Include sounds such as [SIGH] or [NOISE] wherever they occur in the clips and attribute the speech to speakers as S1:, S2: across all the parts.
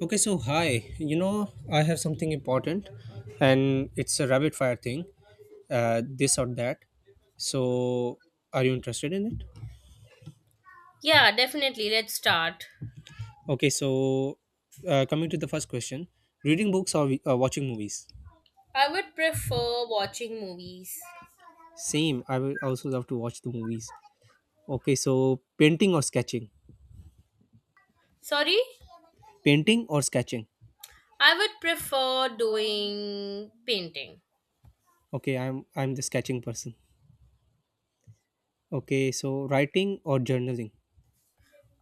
S1: Okay, so hi. I have something important, and it's a rapid fire thing, this or that. So, are you interested in it?
S2: Yeah, definitely. Let's start.
S1: Okay, so coming to the first question, reading books or watching movies?
S2: I would prefer watching movies.
S1: Same. I will also love to watch the movies. Okay, so painting or sketching?
S2: Sorry?
S1: Painting or sketching?
S2: I would prefer doing painting.
S1: Okay, I'm the sketching person. Okay, so writing or journaling?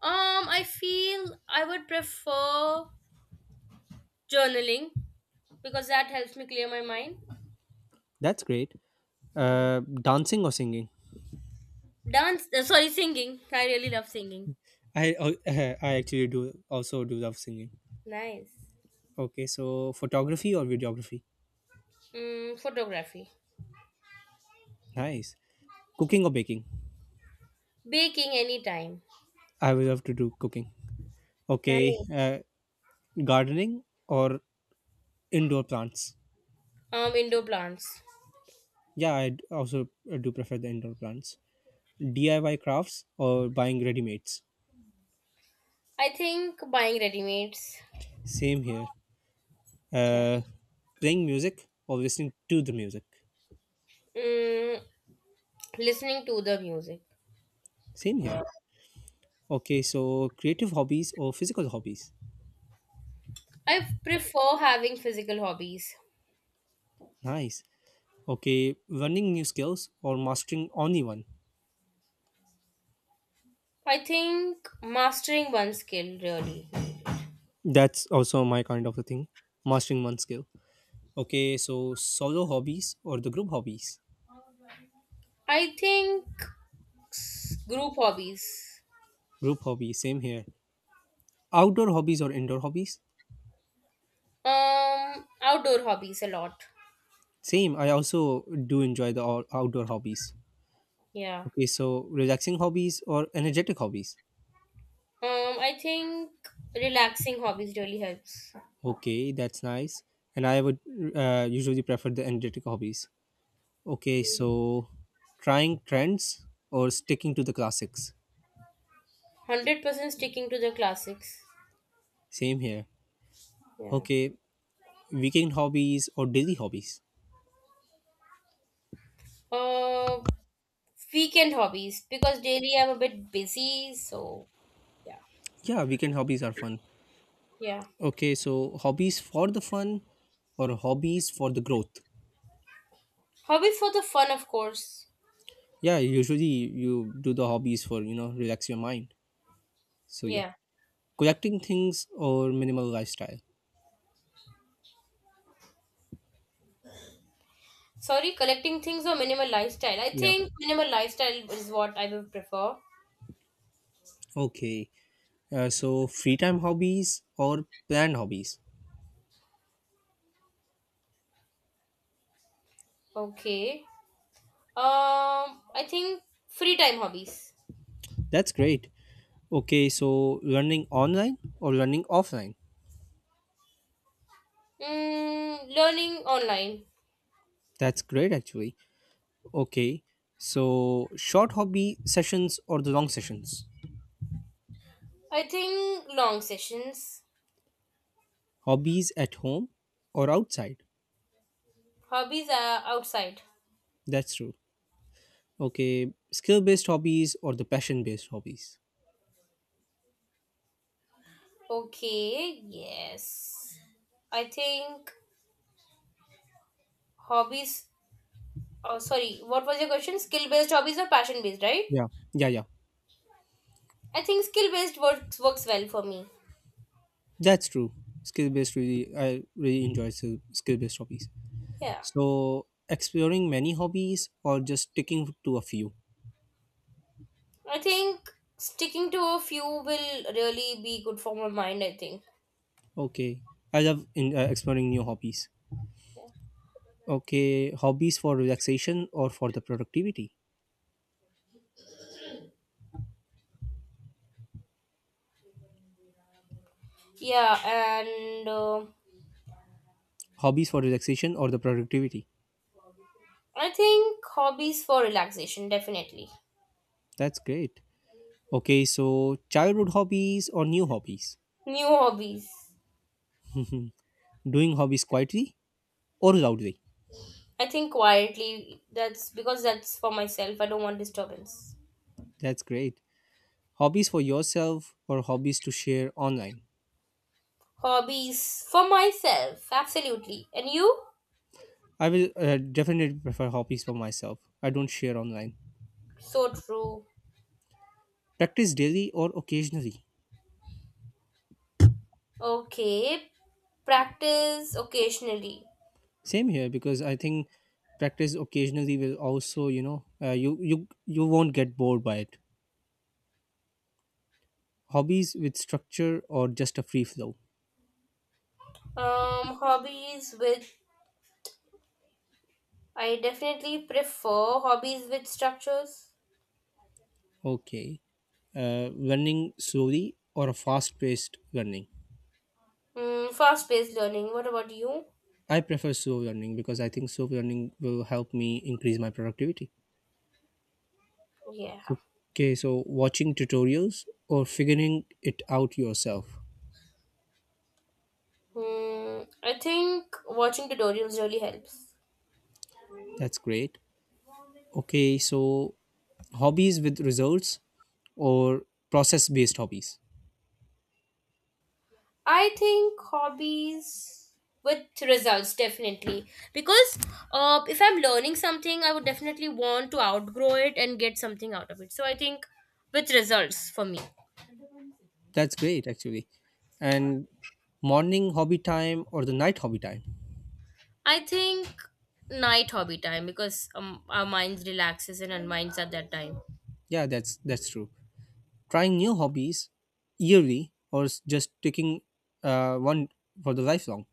S2: I feel I would prefer journaling because that helps me clear my mind.
S1: That's great.
S2: Mhm.
S1: Uh, Dancing or singing?
S2: Sorry, singing. I really love singing.
S1: I [LAUGHS] I actually do also do love singing.
S2: Nice.
S1: Okay, so photography or videography?
S2: Photography.
S1: Nice. Cooking or baking?
S2: Baking anytime.
S1: I would love to do cooking. Okay,
S2: Nice.
S1: gardening or indoor plants?
S2: Indoor plants.
S1: Yeah, I also do prefer the indoor plants. DIY crafts or buying ready mates?
S2: I think buying ready-mades.
S1: Same here.
S2: Yeah.
S1: Uh, Playing music or listening to the music?
S2: Mm, Listening to the music.
S1: Same here. Okay, so creative hobbies or physical hobbies?
S2: I prefer having physical hobbies.
S1: Nice. Okay, learning new skills or mastering only one?
S2: I think mastering one skill really.
S1: That's also my kind of a thing, mastering one skill. Okay, so solo hobbies or the group hobbies?
S2: I think group hobbies.
S1: Group hobbies, same here. Outdoor hobbies or indoor hobbies?
S2: Outdoor hobbies a lot.
S1: Same, I also do enjoy the outdoor hobbies.
S2: Yeah.
S1: Okay, so relaxing hobbies or energetic hobbies?
S2: I think relaxing hobbies really helps.
S1: Okay, that's nice. And I would usually prefer the energetic hobbies. Okay, so trying trends or sticking to the classics.
S2: 100% sticking to the classics.
S1: Same here.
S2: Yeah.
S1: Okay, weekend hobbies or daily hobbies?
S2: Uh, Weekend hobbies because daily I'm a bit busy, so yeah.
S1: Yeah, weekend hobbies are fun.
S2: Yeah.
S1: Okay, so hobbies for the fun or hobbies for the growth?
S2: Hobbies for the fun, of course.
S1: Yeah, usually you do the hobbies for relax your mind. So yeah,
S2: Yeah.
S1: collecting things or minimal lifestyle.
S2: Sorry, collecting things or minimal lifestyle. I
S1: Yeah.
S2: think minimal lifestyle is what I would prefer.
S1: Okay. So free time hobbies or planned hobbies.
S2: Okay. I think free time hobbies.
S1: That's great. Okay, so learning online or learning offline.
S2: Learning online.
S1: That's great actually. Okay. So short hobby sessions or the long sessions.
S2: I think long sessions.
S1: Hobbies at home or outside?
S2: Hobbies are outside.
S1: That's true. Okay, skill based hobbies or the passion based hobbies?
S2: Okay. Yes. I think hobbies. Oh, sorry. What was your question? Skill based hobbies or passion based, right?
S1: Yeah, yeah, yeah.
S2: I think skill based works well for me.
S1: That's true. Skill based really, I really enjoy skill based hobbies.
S2: Yeah.
S1: So exploring many hobbies or just sticking to a few.
S2: I think sticking to a few will really be good for my mind, I think.
S1: Okay, I love exploring new hobbies.
S2: Yeah.
S1: Okay, hobbies for relaxation or for the productivity?
S2: Yeah, and
S1: Hobbies for relaxation or the productivity?
S2: I think hobbies for relaxation, definitely.
S1: That's great. Okay, so childhood hobbies or new hobbies?
S2: New hobbies.
S1: [LAUGHS] Doing hobbies quietly or loudly.
S2: I think quietly, that's because that's for myself. I don't want disturbance.
S1: That's great. Hobbies for yourself or hobbies to share online?
S2: Hobbies for myself, absolutely. And you?
S1: I will definitely prefer hobbies for myself. I don't share online.
S2: So true.
S1: Practice daily or occasionally.
S2: Okay, practice occasionally.
S1: Same here because I think practice occasionally will also, you won't get bored by it. Hobbies with structure or just a free flow.
S2: Hobbies with I definitely prefer hobbies with structures.
S1: Okay. Learning slowly or a fast-paced learning.
S2: Fast-paced learning. What about you?
S1: I prefer slow learning because I think slow learning will help me increase my productivity.
S2: Yeah.
S1: Okay, so watching tutorials or figuring it out yourself.
S2: I think watching tutorials really helps.
S1: That's great. Okay, so hobbies with results or process based hobbies.
S2: I think hobbies with results definitely because if I'm learning something, I would definitely want to outgrow it and get something out of it. So I think with results for me.
S1: That's great actually. And morning hobby time or the night hobby time.
S2: I think night hobby time because our minds relaxes and unwinds at that time.
S1: Yeah, that's true. Trying new hobbies yearly or just taking one for the lifelong.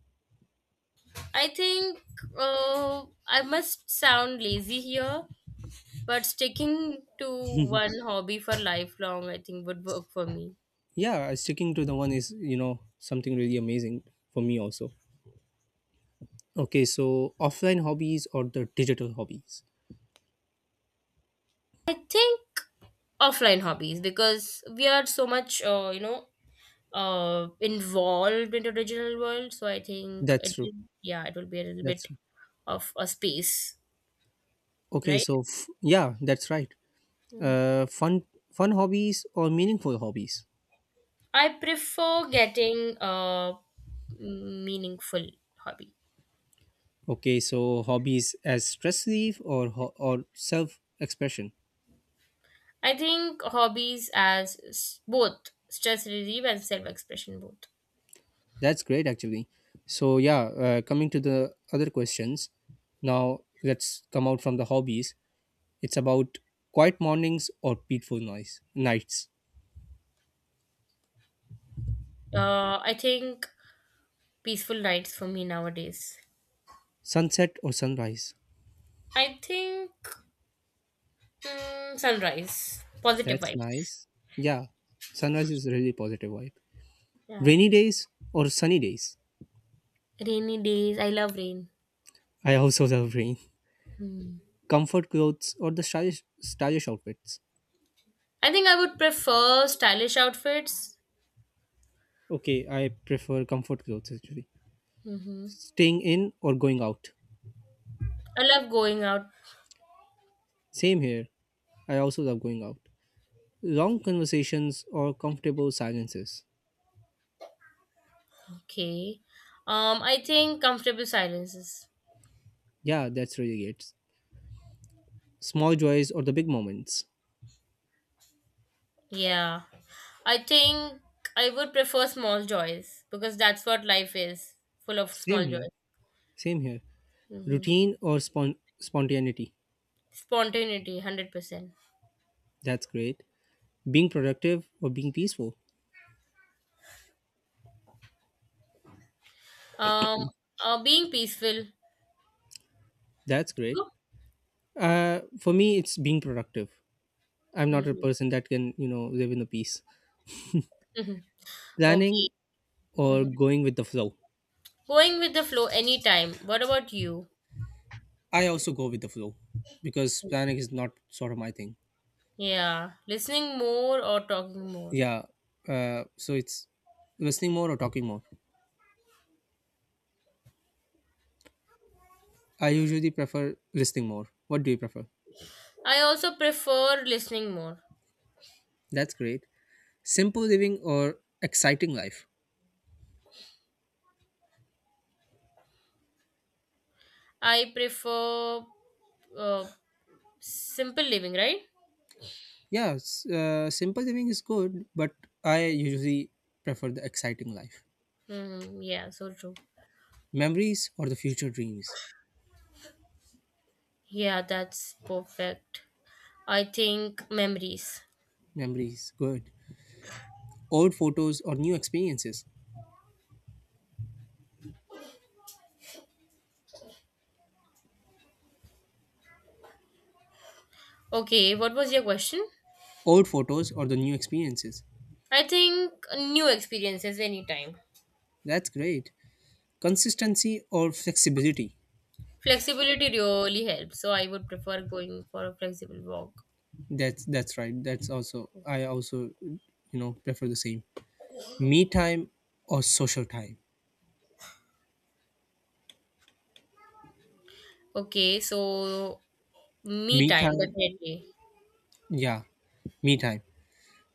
S2: I think I must sound lazy here, but sticking to one hobby for lifelong, I think, would work for me.
S1: Yeah, sticking to the one is, something really amazing for me also. Okay, so offline hobbies or the digital hobbies.
S2: I think offline hobbies because we are so much, involved into digital world. So I think
S1: That's
S2: it,
S1: true.
S2: yeah, it will be a little
S1: That's
S2: bit
S1: true.
S2: of a space,
S1: Okay,
S2: right?
S1: so yeah, that's right.
S2: Hmm.
S1: Uh fun fun hobbies or meaningful hobbies.
S2: I prefer getting a meaningful hobby.
S1: Okay, so hobbies as stress relief or self expression.
S2: I think hobbies as both stress relief and self expression, both.
S1: That's great actually. So yeah, coming to the other questions. Now let's come out from the hobbies. It's about quiet mornings or peaceful noise nights.
S2: I think peaceful nights for me nowadays.
S1: Sunset or sunrise.
S2: I think sunrise, positive
S1: That's
S2: vibes.
S1: nice. Yeah, sunrise is really positive vibe.
S2: Yeah.
S1: Rainy days or sunny days.
S2: Rainy days. I love rain.
S1: I also love rain.
S2: Hmm.
S1: Comfort clothes or the stylish outfits.
S2: I think I would prefer stylish outfits.
S1: Okay, I prefer comfort clothes actually.
S2: Mm-hmm.
S1: Staying in or going out.
S2: I love going out.
S1: Same here. I also love going out. Long conversations or comfortable silences.
S2: Okay. I think comfortable silences.
S1: Yeah, that's really it. Small joys or the big moments.
S2: Yeah. I think I would prefer small joys because that's what life is full of
S1: Same
S2: small
S1: here.
S2: joys.
S1: Same here.
S2: Hmm.
S1: Routine or spontaneity.
S2: Spontaneity, 100%.
S1: That's great. Being productive or being peaceful?
S2: Um, Being peaceful.
S1: That's great.
S2: You?
S1: For me it's being productive. I'm not a
S2: Hmm.
S1: person that can live in a peace.
S2: Okay.
S1: Planning or
S2: Hmm.
S1: going with the flow.
S2: Going with the flow anytime. What about you?
S1: I also go with the flow because planning is not sort of my thing.
S2: Yeah. Listening more or talking more?
S1: Yeah, so it's listening more or talking more. I usually prefer listening more. What do you prefer?
S2: I also prefer listening more.
S1: That's great. Simple living or exciting life.
S2: I prefer uh, simple living, right?
S1: Yeah, simple living is good, but I usually prefer the exciting life.
S2: Hmm. Yeah, so true.
S1: Memories or the future dreams?
S2: Yeah, that's perfect. I think memories.
S1: Memories, good. Old photos or new experiences?
S2: Okay, what was your question?
S1: Old photos or the new experiences?
S2: I think new experiences anytime.
S1: That's great. Consistency or flexibility?
S2: Flexibility really helps, so I would prefer going for a flexible walk.
S1: That's right. That's also I also prefer the same. Me time or social time?
S2: Okay, so me
S1: Me
S2: time
S1: time,
S2: definitely.
S1: yeah. Me time.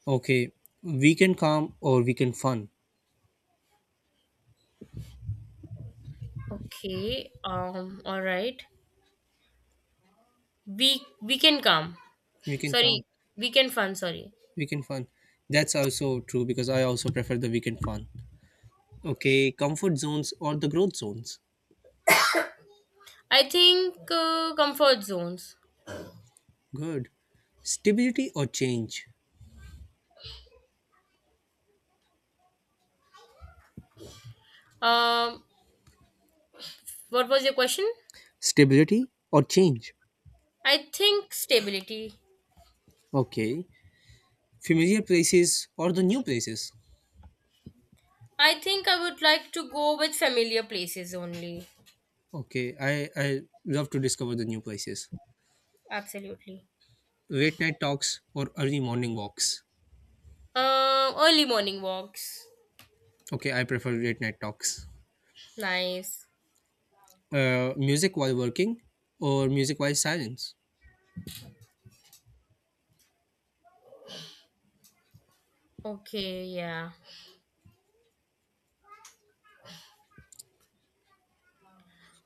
S1: Okay. Weekend calm or weekend fun?
S2: Okay, all right. We can come.
S1: Weekend calm.
S2: Sorry, weekend fun. Sorry.
S1: Weekend fun. That's also true because I also prefer the weekend fun. Okay, comfort zones or the growth zones?
S2: I think comfort zones.
S1: Good. Stability or change?
S2: Um, what was your question?
S1: Stability or change?
S2: I think stability.
S1: Okay. Familiar places or the new places?
S2: I think I would like to go with familiar places only.
S1: Okay. I love to discover the new places.
S2: Absolutely.
S1: Late night talks or early morning walks?
S2: Early morning walks.
S1: Okay. I prefer late night talks.
S2: Nice.
S1: Music while working or music while silence?
S2: Okay, yeah.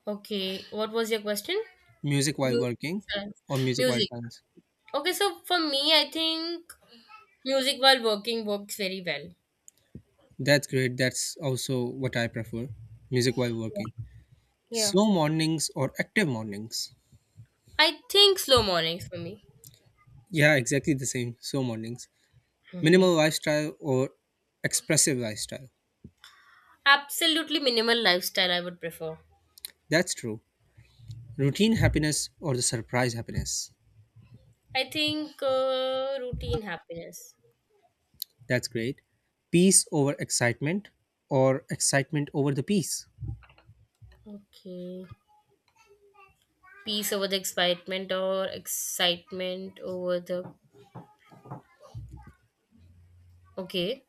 S2: Okay, what was your question?
S1: Music while
S2: Mu-
S1: working
S2: Sorry.
S1: or music while
S2: Music.
S1: silence?
S2: Okay, so for me, I think music while working works very well.
S1: That's great. That's also what I prefer. Music while working.
S2: Yeah.
S1: Slow mornings or active mornings?
S2: I think slow mornings for me.
S1: Yeah, exactly the same. Slow mornings.
S2: Hmm.
S1: Minimal lifestyle or expressive lifestyle.
S2: Absolutely minimal lifestyle I would prefer.
S1: That's true. Routine happiness or the surprise happiness.
S2: I think routine happiness.
S1: That's great. Peace over excitement or excitement over the peace.
S2: Okay. Peace over the excitement or excitement over the. Okay,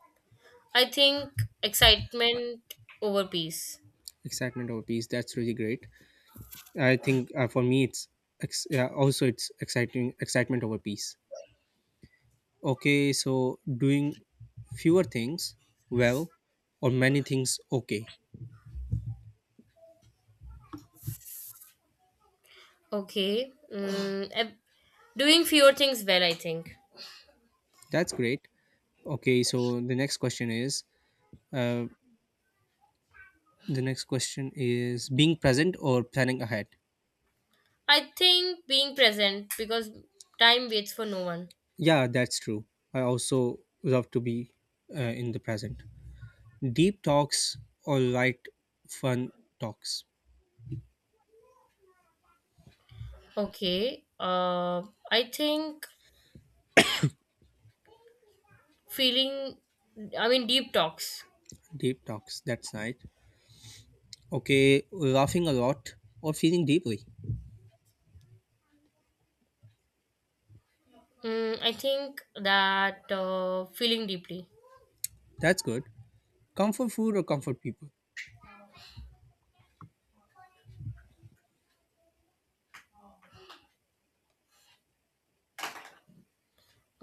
S2: I think excitement over peace.
S1: Excitement over peace. That's really great. I think for me, it's yeah, also it's exciting excitement over peace. Okay, so doing fewer things well or many things okay.
S2: Okay, doing fewer things well, I think.
S1: That's great. Okay, so uh, The next question is being present or planning ahead.
S2: I think being present because time waits for no one.
S1: Yeah, that's true. I also love to be in the present. Deep talks or light, fun talks.
S2: Okay, I think feeling I mean, deep talks.
S1: Deep talks, that's nice. Okay, laughing a lot or feeling deeply.
S2: I think that feeling deeply.
S1: That's good. Comfort food or comfort people.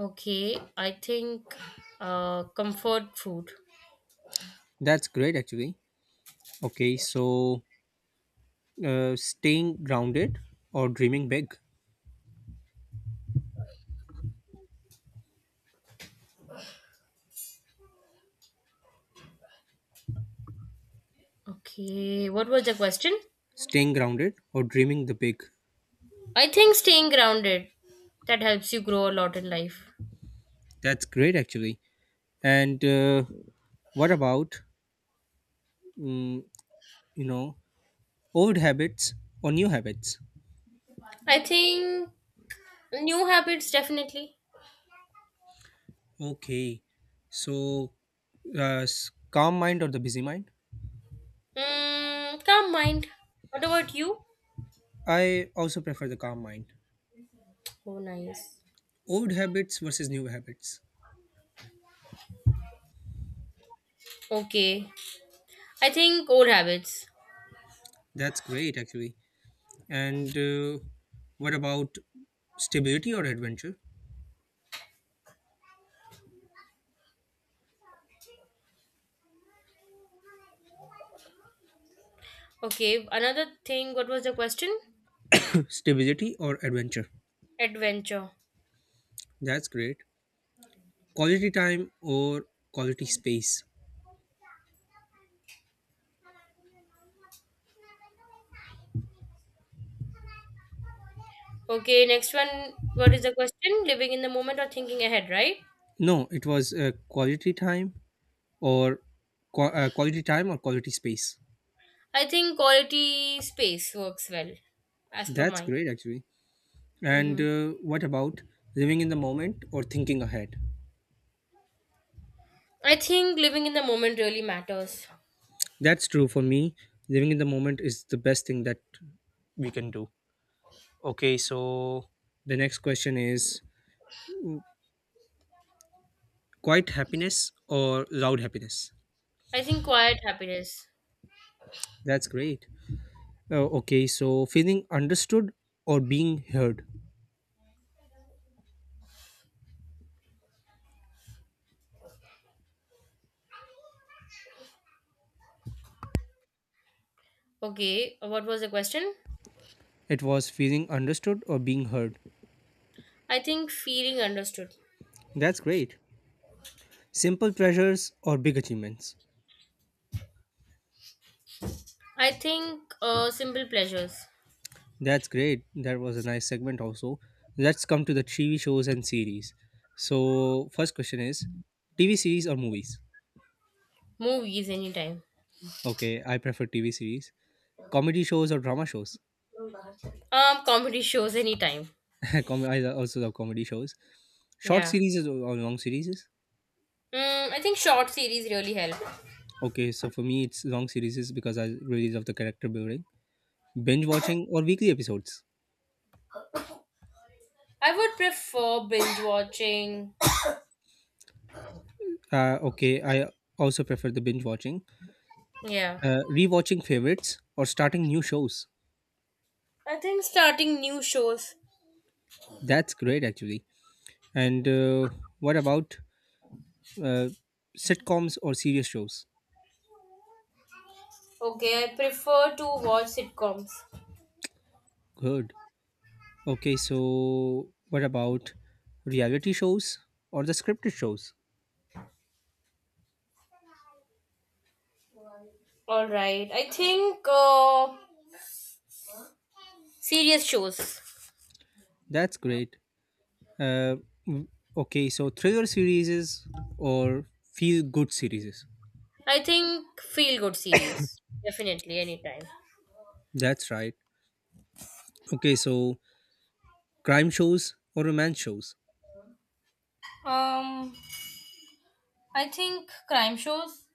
S2: Okay, I think comfort food.
S1: That's great, actually. Okay, so staying grounded or dreaming big.
S2: Okay, what was the question?
S1: Staying grounded or dreaming the big.
S2: I think staying grounded, that helps you grow a lot in life.
S1: That's great, actually. And what about mm, you know old habits or new habits?
S2: I think new habits definitely.
S1: Okay, so calm mind or the busy mind?
S2: Calm mind. What about you?
S1: I also prefer the calm mind.
S2: Oh, nice.
S1: Old habits versus new habits.
S2: Okay, I think old habits.
S1: That's great actually. And what about stability or adventure?
S2: Okay, another thing. What was the question?
S1: [CLEARS THROAT] Stability or adventure.
S2: Adventure.
S1: That's great. Quality time or quality space.
S2: Okay, next one. What is the question? Living in the moment or thinking ahead, right?
S1: No, it was or quality time or quality space.
S2: I think quality space works well, as per
S1: That's
S2: mine.
S1: great, actually. And
S2: Mm-hmm.
S1: what about living in the moment or thinking ahead?
S2: I think living in the moment really matters.
S1: That's true for me. Living in the moment is the best thing that we can do. Okay, so the next question is quiet happiness or loud happiness?
S2: I think quiet happiness.
S1: That's great. Okay, so feeling understood or being heard?
S2: Okay, what was the question?
S1: It was feeling understood or being heard.
S2: I think feeling understood.
S1: That's great. Simple pleasures or big achievements?
S2: I think simple pleasures.
S1: That's great. That was a nice segment also. Let's come to the TV shows and series. So, first question is TV series or movies?
S2: Movies anytime.
S1: Okay, I prefer TV series. Comedy shows or drama shows?
S2: Comedy [LAUGHS] shows anytime.
S1: [LAUGHS] I also love comedy shows. Short
S2: Yeah.
S1: series or long series?
S2: I think short series really help.
S1: Okay, so for me, it's long series because I really love the character building. Binge watching or weekly episodes?
S2: I would prefer binge watching.
S1: Okay, I also prefer the binge watching.
S2: Yeah.
S1: Rewatching favorites or starting new shows?
S2: I think starting new shows.
S1: That's great, actually. And what about uh, sitcoms or serious shows?
S2: Okay, I prefer to watch sitcoms.
S1: Good. Okay, so what about reality shows or the scripted shows?
S2: All right. I think serious shows.
S1: That's great. Uh, w- okay, so thriller series or feel good series.
S2: I think feel good series. Definitely, anytime.
S1: That's right. Okay, so crime shows or romance shows.
S2: Um, I think crime shows.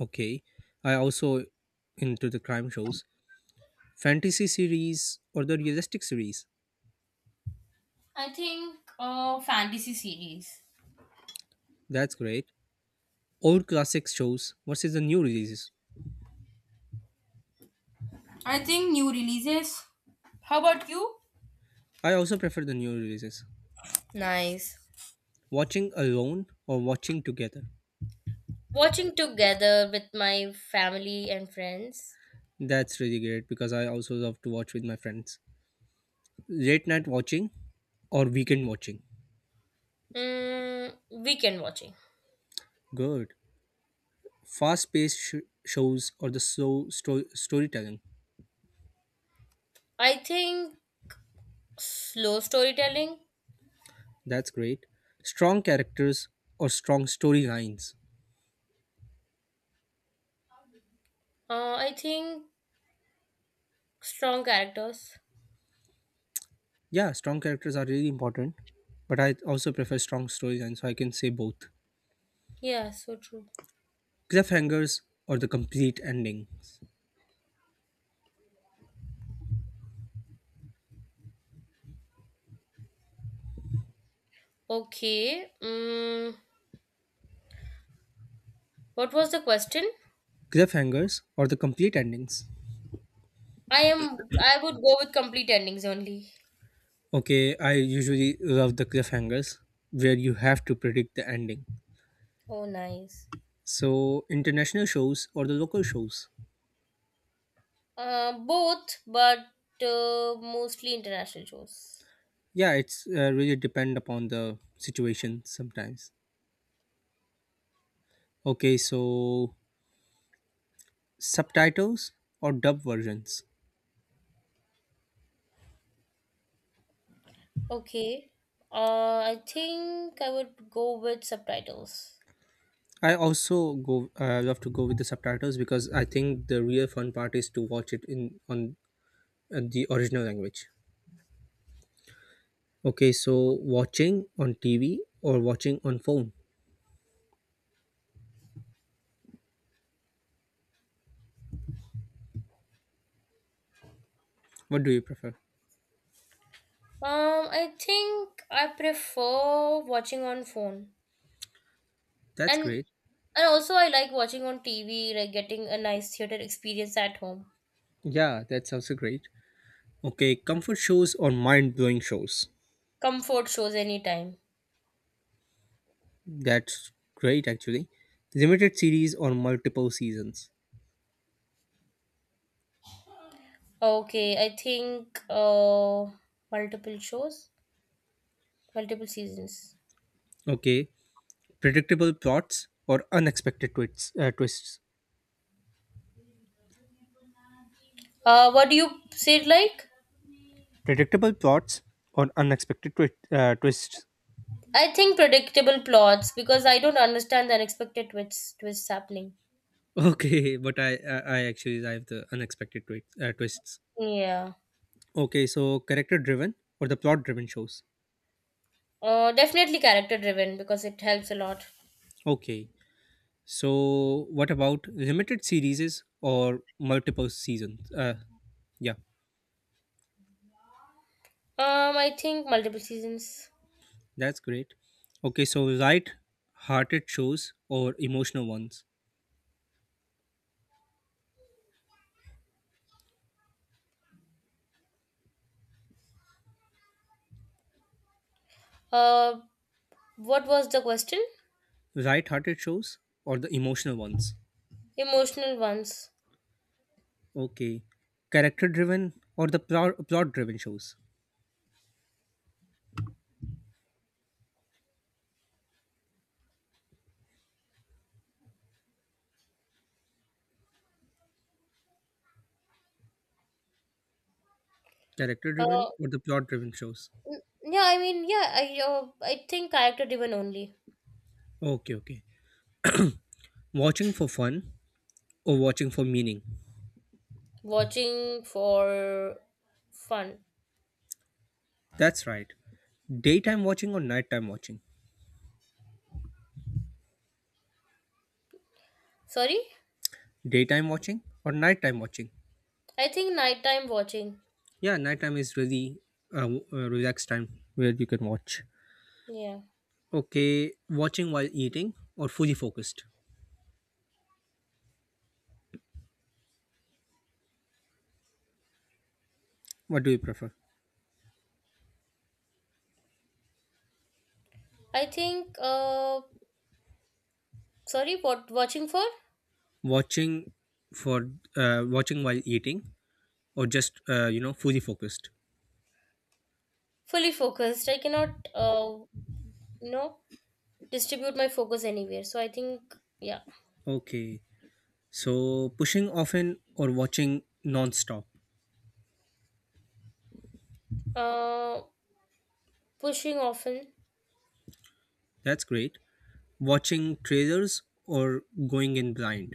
S1: Okay, I also into the crime shows. Fantasy series or the realistic series.
S2: I think fantasy series.
S1: That's great. Old classic shows versus the new releases.
S2: I think new releases. How about you?
S1: I also prefer the new releases.
S2: Nice.
S1: Watching alone or watching together.
S2: Watching together with my family and friends.
S1: That's really great because I also love to watch with my friends. Late night watching or weekend watching.
S2: Mm, Weekend watching.
S1: Good. Fast paced shows or the slow storytelling.
S2: I think slow storytelling.
S1: That's great. Strong characters or strong storylines.
S2: I think strong characters.
S1: Yeah, strong characters are really important, but I also prefer strong storylines, so I can say both.
S2: Yeah, so true.
S1: Cliffhangers or the complete endings.
S2: Okay. What was the question?
S1: Cliffhangers or the complete endings.
S2: I would go with complete endings only.
S1: Okay, I usually love the cliffhangers where you have to predict the ending.
S2: Oh, nice.
S1: So international shows or the local shows.
S2: Both, but mostly international shows.
S1: Yeah, it's really depend upon the situation sometimes. Okay, so subtitles or dub versions.
S2: Okay. I think I would go with subtitles.
S1: I also go love to go with the subtitles because I think the real fun part is to watch it in on the original language. Okay, so watching on TV or watching on phone. What do you prefer?
S2: I think I prefer watching on phone.
S1: That's
S2: And
S1: great.
S2: and also I like watching on TV, like getting a nice theater experience at home.
S1: Yeah, that sounds great. Okay, comfort shows or mind blowing shows?
S2: Comfort shows anytime.
S1: That's great actually. Limited series or multiple seasons?
S2: Okay, I think multiple shows, multiple seasons.
S1: Okay, predictable plots or unexpected twists? Twists.
S2: What do you say like?
S1: Predictable plots or unexpected twists?
S2: I think predictable plots because I don't understand the unexpected twists happening.
S1: Okay, [LAUGHS] but I actually I have the unexpected twists.
S2: Yeah.
S1: Okay, so character driven or the plot driven shows?
S2: Definitely character driven because it helps a lot.
S1: Okay. So, what about limited series or multiple seasons? Yeah,
S2: I think multiple seasons.
S1: that's great. Okay, so light hearted shows or emotional ones?
S2: Uh, what was the question?
S1: Light hearted shows or the emotional ones?
S2: Emotional ones.
S1: Okay. Character driven or the plot driven shows? Character
S2: Uh,
S1: driven or the plot driven shows?
S2: yeah, I mean, yeah, I think character driven only.
S1: Okay, okay. Watching for fun or watching for meaning?
S2: Watching for fun.
S1: That's right. Daytime watching or nighttime watching?
S2: Sorry,
S1: Daytime watching or nighttime watching?
S2: I think nighttime watching.
S1: Yeah, nighttime is really relaxed time where you can watch.
S2: Yeah,
S1: Okay, watching while eating or fully focused. What do you prefer?
S2: I think sorry, what watching for?
S1: Watching for watching while eating or just fully focused.
S2: Fully focused. I cannot, uh, you know, distribute my focus anywhere. So I think, yeah.
S1: Okay, so pushing often or watching non-stop.
S2: Uh, Pushing often.
S1: That's great. Watching trailers or going in blind.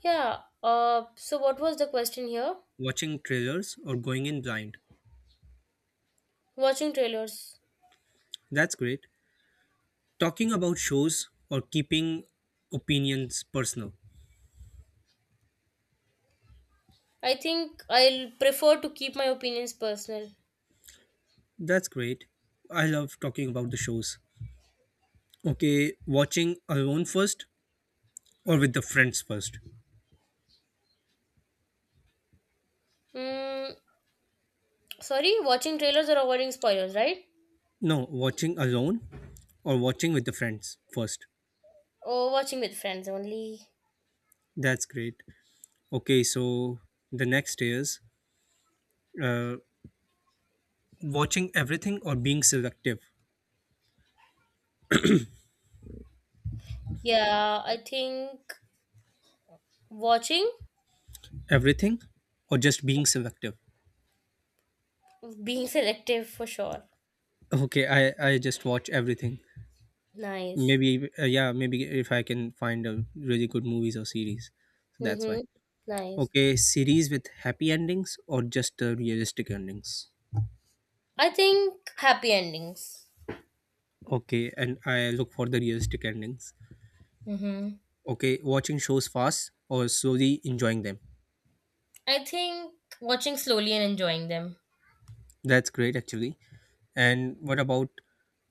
S2: Yeah. So what was the question here?
S1: Watching trailers or going in blind.
S2: Watching trailers.
S1: That's great. Talking about shows or keeping opinions personal.
S2: I think I'll prefer to keep my opinions personal.
S1: That's great. I love talking about the shows. Okay, watching alone first or with the friends first?
S2: Mm, Sorry, watching trailers or avoiding spoilers, right?
S1: No, watching alone or watching with the friends first.
S2: Or watching with friends only.
S1: That's great. Okay, so the next is uh, watching everything or being selective.
S2: Yeah, I think watching,
S1: Everything or just being selective?
S2: being [LAUGHS] selective for sure.
S1: Okay, I just watch everything.
S2: Nice.
S1: Maybe if I can find a really good movies or series. So that's
S2: Mm-hmm.
S1: why.
S2: Nice.
S1: Okay, series with happy endings or just realistic endings?
S2: I think happy endings.
S1: Okay, and I look for the realistic endings.
S2: Mm-hmm.
S1: Okay, watching shows fast or slowly enjoying them.
S2: I think watching slowly and enjoying them.
S1: That's great actually. And what about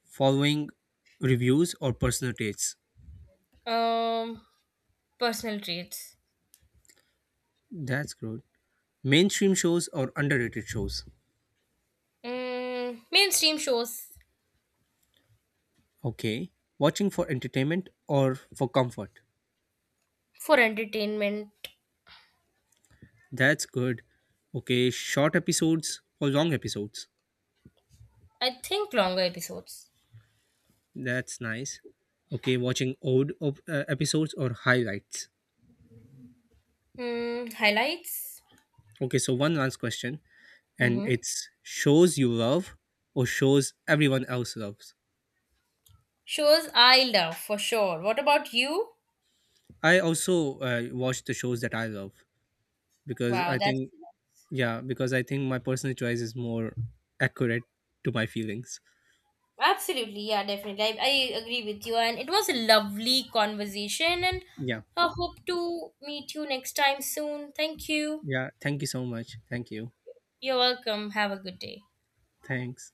S1: following reviews or personal tastes?
S2: Um, Personal traits.
S1: That's good. Mainstream shows or underrated shows?
S2: Mainstream shows.
S1: Okay. Watching for entertainment or for comfort?
S2: For entertainment.
S1: That's good. Okay, short episodes or long episodes?
S2: I think longer episodes.
S1: That's nice. Okay, watching old episodes or highlights.
S2: Highlights.
S1: Okay, so one last question, and
S2: Mm-hmm.
S1: it's shows you love or shows everyone else loves.
S2: Shows I love for sure. What about you?
S1: I also watch the shows that I love because
S2: Wow,
S1: I
S2: that's
S1: think, yeah, because I think my personal choice is more accurate to my feelings.
S2: absolutely, yeah, definitely. I agree with you, and it was a lovely conversation, and
S1: Yeah,
S2: I hope to meet you next time soon. Thank you.
S1: yeah. Thank you so much. Thank you.
S2: You're welcome. Have a good day.
S1: Thanks.